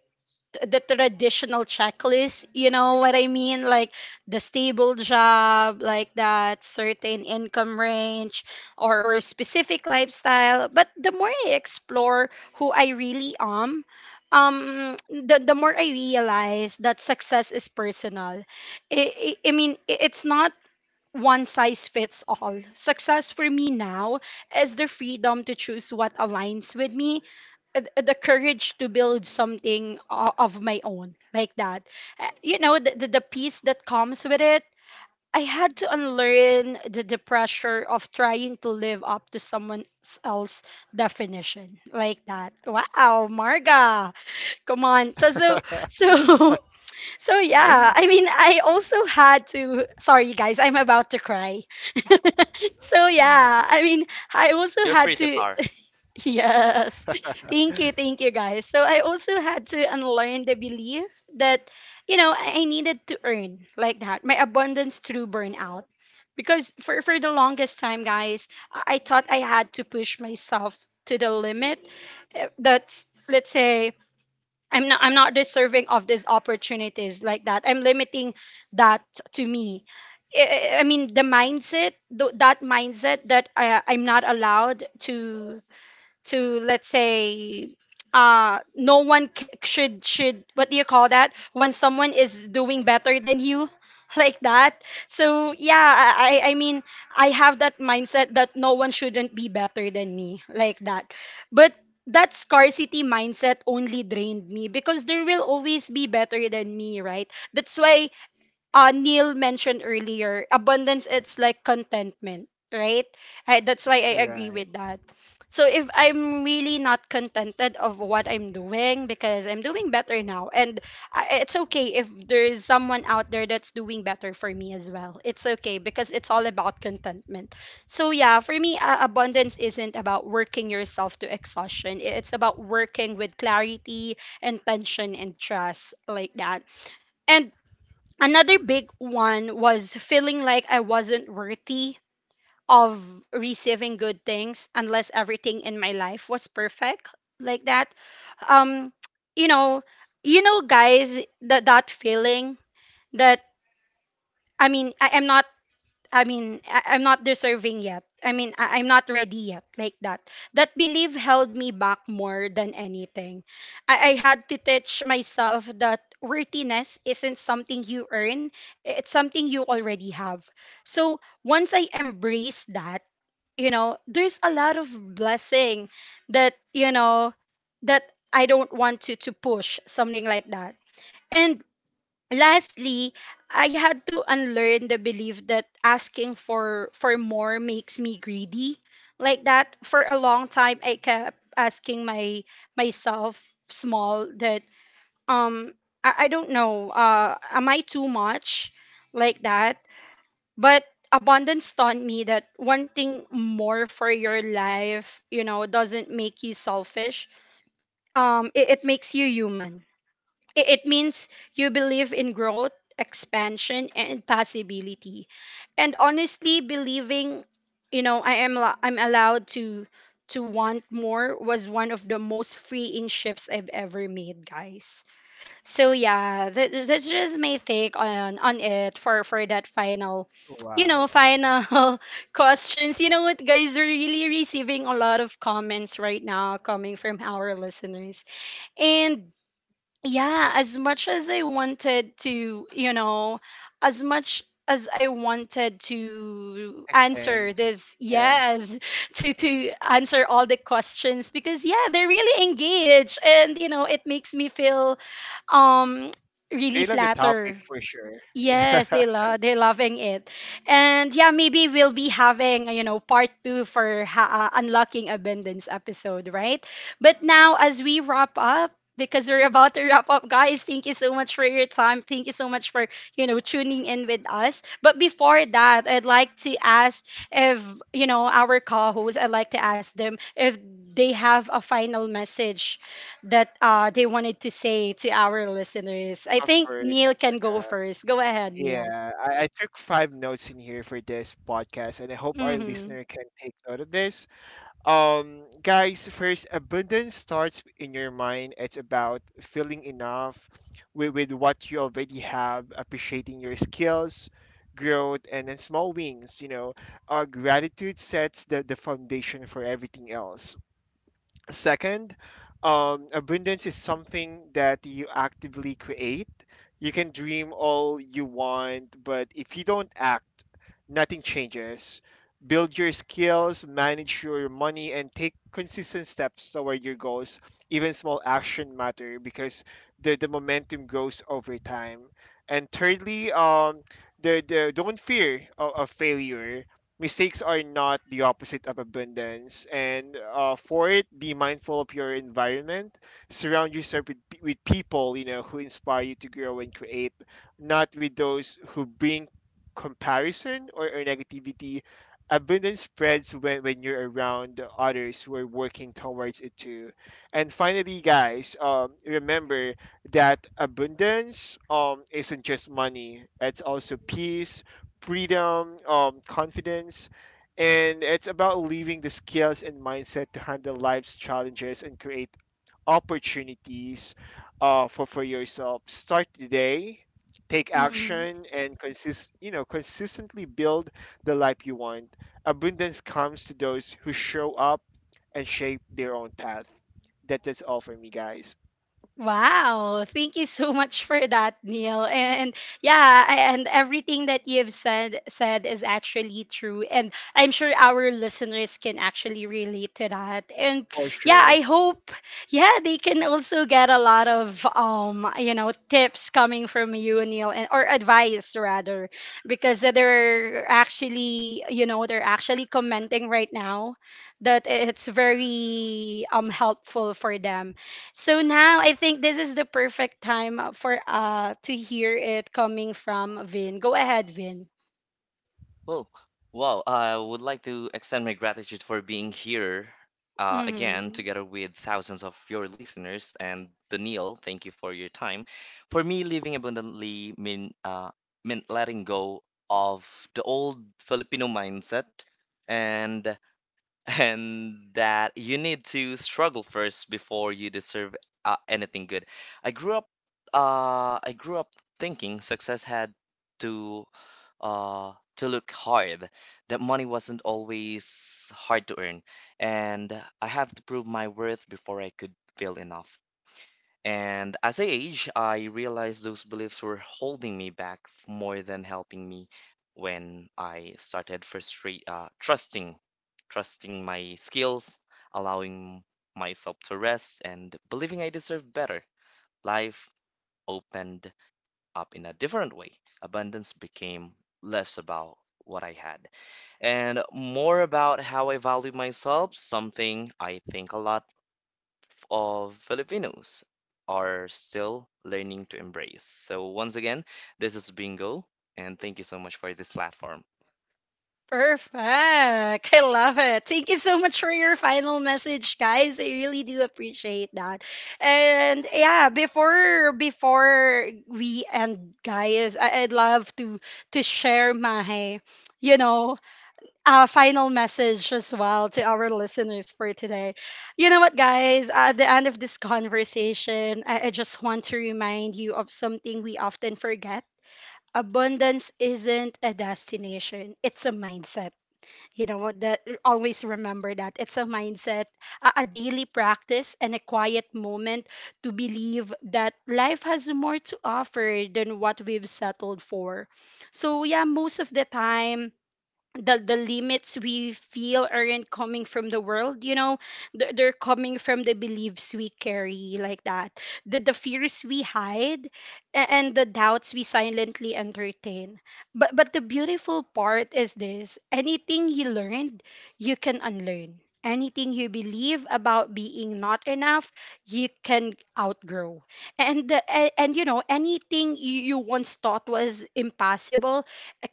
Speaker 1: the traditional checklist, you know what I mean, like the stable job, like that, certain income range, or specific lifestyle. But the more I explore who I really am, the more I realize that success is personal. I mean, it's not one size fits all. Success for me now is the freedom to choose what aligns with me, the courage to build something of my own, like that. You know, the peace that comes with it. I had to unlearn the pressure of trying to live up to someone else's definition, like that. Wow, Marga, come on. So so yeah, I mean, I also had to, sorry guys, I'm about to cry. So yeah, I mean, I also
Speaker 3: You're
Speaker 1: had
Speaker 3: free to
Speaker 1: to,
Speaker 3: car.
Speaker 1: yes. Thank you. Thank you, guys. So I also had to unlearn the belief that, I needed to earn, like that, my abundance through burnout. Because for the longest time, guys, I thought I had to push myself to the limit. That's, let's say, I'm not deserving of these opportunities, like that. I'm limiting that to me. I mean, the mindset, that mindset that I'm not allowed to to let's say, no one should what do you call that when someone is doing better than you? Like that. So yeah, I mean, I have that mindset that no one shouldn't be better than me, like that. But that scarcity mindset only drained me, because there will always be better than me, right? That's why, Neil mentioned earlier, abundance, it's like contentment, right? I, that's why I agree
Speaker 2: Right.
Speaker 1: with that. So if I'm really not contented of what I'm doing because I'm doing better now, and I, it's okay if there's someone out there that's doing better for me as well. It's okay, because it's all about contentment. So yeah, for me, abundance isn't about working yourself to exhaustion. It's about working with clarity, intention and trust, like that. And another big one was feeling like I wasn't worthy of receiving good things unless everything in my life was perfect, like that. Um, you know, you know, guys, that that feeling that, I mean, I am not, I mean, I'm not deserving yet. I mean, I'm not ready yet, like that. That belief held me back more than anything. I had to teach myself that worthiness isn't something you earn, it's something you already have. So once I embraced that, you know, there's a lot of blessing that, you know, that I don't want to push, something like that. And lastly, I had to unlearn the belief that asking for more makes me greedy. Like that. For a long time I kept asking my myself small that, um I don't know, am I too much, like that? But abundance taught me that wanting more for your life, you know, doesn't make you selfish. It makes you human. It means you believe in growth, expansion, and possibility. And honestly, believing, you know, I'm allowed to want more was one of the most freeing shifts I've ever made, guys. So yeah, that, that's just my take on it for that final, you know,
Speaker 2: Wow.
Speaker 1: final questions. You know what, guys, we're really receiving a lot of comments right now coming from our listeners. And yeah, as much as I wanted to answer
Speaker 2: Extend.
Speaker 1: this,
Speaker 2: Yeah,
Speaker 1: yes, to answer all the questions, because yeah, they're really engaged, and you know, it makes me feel um really
Speaker 2: they love the topic
Speaker 1: flattered.
Speaker 2: for sure. Yeah,
Speaker 1: Yes, they love, they're loving it. And yeah, maybe we'll be having, you know, part 2 for unlocking abundance episode, right? But now as we wrap up, because we're about to wrap up, guys, thank you so much for your time. Thank you so much for, you know, tuning in with us. But before that, I'd like to ask if, you know, our co-hosts, I'd like to ask them if they have a final message that they wanted to say to our listeners. I
Speaker 2: of
Speaker 1: think
Speaker 2: course.
Speaker 1: Neil can go first. Go ahead, Neil.
Speaker 2: Yeah, I took five notes in here for this podcast, and I hope our
Speaker 1: Mm-hmm.
Speaker 2: listener can take note of this. Guys, first, abundance starts in your mind. It's about feeling enough with what you already have, appreciating your skills, growth, and then small wins. You know, gratitude sets the foundation for everything else. Second, abundance is something that you actively create. You can dream all you want, but if you don't act, nothing changes. Build your skills, manage your money, and take consistent steps toward your goals. Even small action matter because the momentum grows over time. And thirdly, the don't fear of failure. Mistakes are not the opposite of abundance. And for it, be mindful of your environment. Surround yourself with, with people, you know, who inspire you to grow and create, not with those who bring comparison, or negativity. Abundance spreads when you're around others who are working towards it too. And finally, guys, remember that abundance isn't just money. It's also peace, freedom, confidence, and it's about leaving the skills and mindset to handle life's challenges and create opportunities for yourself. Start today, take action, and consist you know, consistently build the life you want. Abundance comes to those who show up and shape their own path. That is all for me, guys.
Speaker 1: Wow, thank you so much for that, Neil. And yeah, and everything that you've said is actually true. And I'm sure our listeners can actually relate to that. And
Speaker 2: For
Speaker 1: yeah,
Speaker 2: sure.
Speaker 1: I hope yeah, they can also get a lot of you know, tips coming from you, Neil, and or advice rather, because they're actually, you know, they're actually commenting right now that it's very helpful for them. So now I think this is the perfect time for to hear it coming from Vin. Go ahead, Vin.
Speaker 3: Well, wow, I would like to extend my gratitude for being here again,
Speaker 1: Hmm.
Speaker 3: together with thousands of your listeners. And Daniil, thank you for your time. For me, living meant letting go of the old Filipino mindset and and that you need to struggle first before you deserve anything good. I grew up I grew up thinking success had to look hard, that money wasn't always hard to earn, and I have to prove my worth before I could feel enough. And as I age, I realized those beliefs were holding me back more than helping me. When I started trusting, trusting my skills, allowing myself to rest, and believing I deserve better. Life opened up in a different way. Abundance became less about what I had and more about how I value myself, something I think a lot of Filipinos are still learning to embrace. So, once again, this is Bingo, and thank you so much for this platform.
Speaker 1: Perfect. I love it. Thank you so much for your final message, guys. I really do appreciate that. And yeah, before we end, guys, I'd love to share my, you know, final message as well to our listeners for today. You know what, guys? At the end of this conversation, I just want to remind you of something we often forget. Abundance isn't a destination, it's a mindset. You know what? That always remember that it's a mindset, a daily practice, and a quiet moment to believe that life has more to offer than what we've settled for. So, yeah, most of the time, the limits we feel aren't coming from the world, you know, they're coming from the beliefs we carry, like that, the fears we hide, and the doubts we silently entertain. But the beautiful part is this, anything you learned you can unlearn, anything you believe about being not enough you can outgrow, and and you know, anything you, you once thought was impossible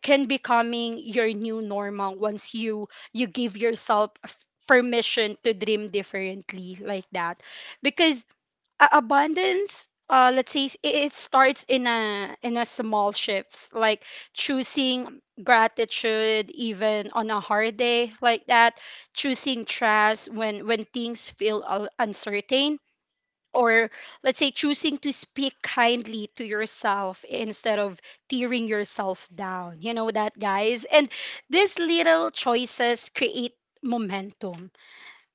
Speaker 1: can becoming your new normal, once you give yourself permission to dream differently, like that. Because abundance, let's say, it starts in a small shifts, like choosing gratitude even on a hard day, like that, choosing trust when things feel uncertain, or let's say choosing to speak kindly to yourself instead of tearing yourself down. You know that, guys? And these little choices create momentum.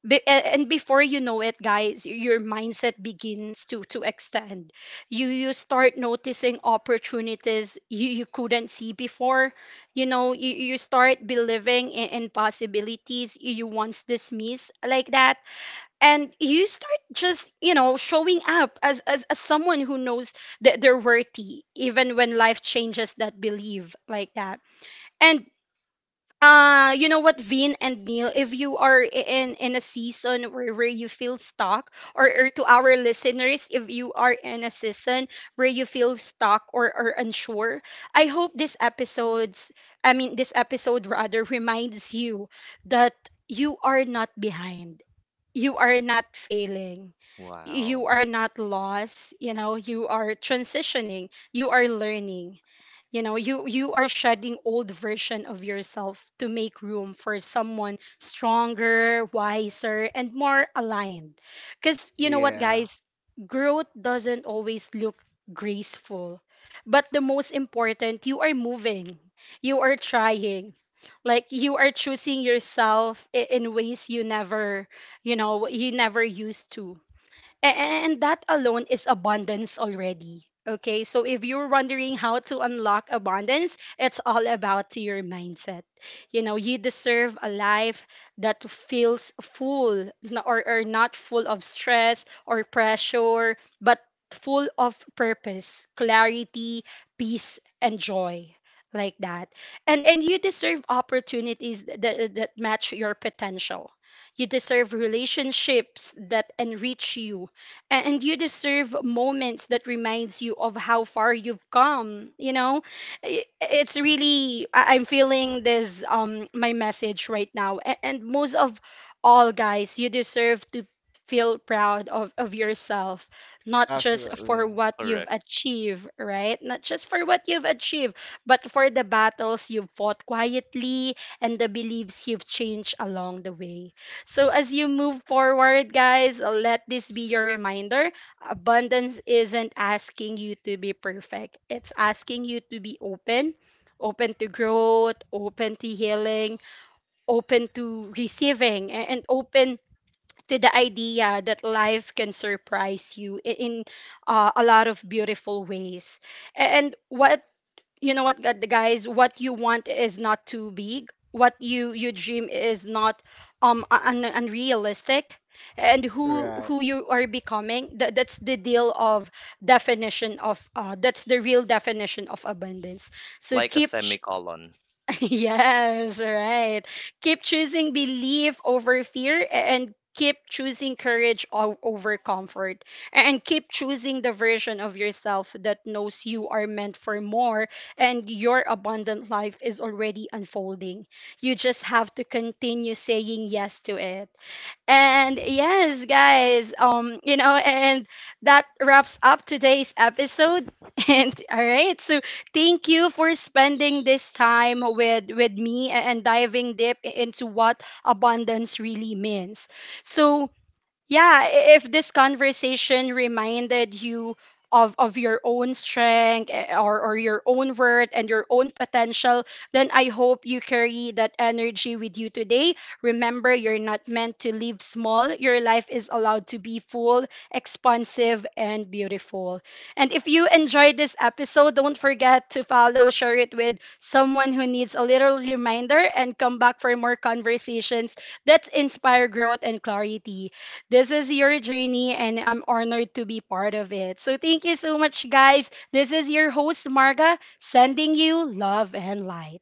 Speaker 1: And before you know it, guys, your mindset begins to extend. You start noticing opportunities you, you couldn't see before. You know, you start believing in possibilities you, you once dismissed, like that. And you start, just, you know, showing up as as someone who knows that they're worthy, even when life changes that belief, like that. And you know what, Vin and Neil, if you are in in a season where you feel stuck, or to our listeners, if you are in a season where you feel stuck, or unsure, I hope this episode's I mean this episode rather reminds you that you are not behind, you are not failing,
Speaker 3: Wow,
Speaker 1: you are not lost. You know, you are transitioning, you are learning. You know, you are shedding old version of yourself to make room for someone stronger, wiser, and more aligned. Because you know what,
Speaker 2: Yeah,
Speaker 1: guys, growth doesn't always look graceful, but the most important, you are moving, you are trying, like you are choosing yourself in ways you never, you know, he never used to. And that alone is abundance already. Okay, so if you're wondering how to unlock abundance, it's all about to your mindset. You know, you deserve a life that feels full, or not full of stress or pressure, but full of purpose, clarity, peace, and joy, like that. And you deserve opportunities that, that match your potential. You deserve relationships that enrich you, and you deserve moments that reminds you of how far you've come. You know, I- it's really, I'm feeling this my message right now. And most of all, guys, you deserve to feel proud of yourself, not just for
Speaker 2: absolutely.
Speaker 1: what
Speaker 3: correct.
Speaker 1: you've achieved right not just for what you've achieved, but for the battles you've fought quietly, and the beliefs you've changed along the way. So as you move forward, guys, let this be your reminder. Abundance isn't asking you to be perfect. It's asking you to be open, open to growth, open to healing, open to receiving, and open to the idea that life can surprise you in a lot of beautiful ways. And what, you know what, guys, what you want is not too big, what you dream is not unrealistic, and who
Speaker 2: Right.
Speaker 1: who you are becoming, that, that's the deal of definition of, that's the real definition of abundance. So
Speaker 3: Like a semicolon.
Speaker 1: yes, right. Keep choosing belief over fear, and keep choosing courage over comfort, and keep choosing the version of yourself that knows you are meant for more, and your abundant life is already unfolding. You just have to continue saying yes to it. And yes, guys, you know, and that wraps up today's episode. And all right, so thank you for spending this time with me and diving deep into what abundance really means. So yeah, if this conversation reminded you of your own strength, or your own worth and your own potential, then I hope you carry that energy with you today. Remember, you're not meant to live small. Your life is allowed to be full, expansive, and beautiful. And if you enjoyed this episode, don't forget to follow, share it with someone who needs a little reminder, and come back for more conversations that inspire growth and clarity. This is your journey, and I'm honored to be part of it. So, thank you so much, guys. This is your host, Marga, sending you love and light.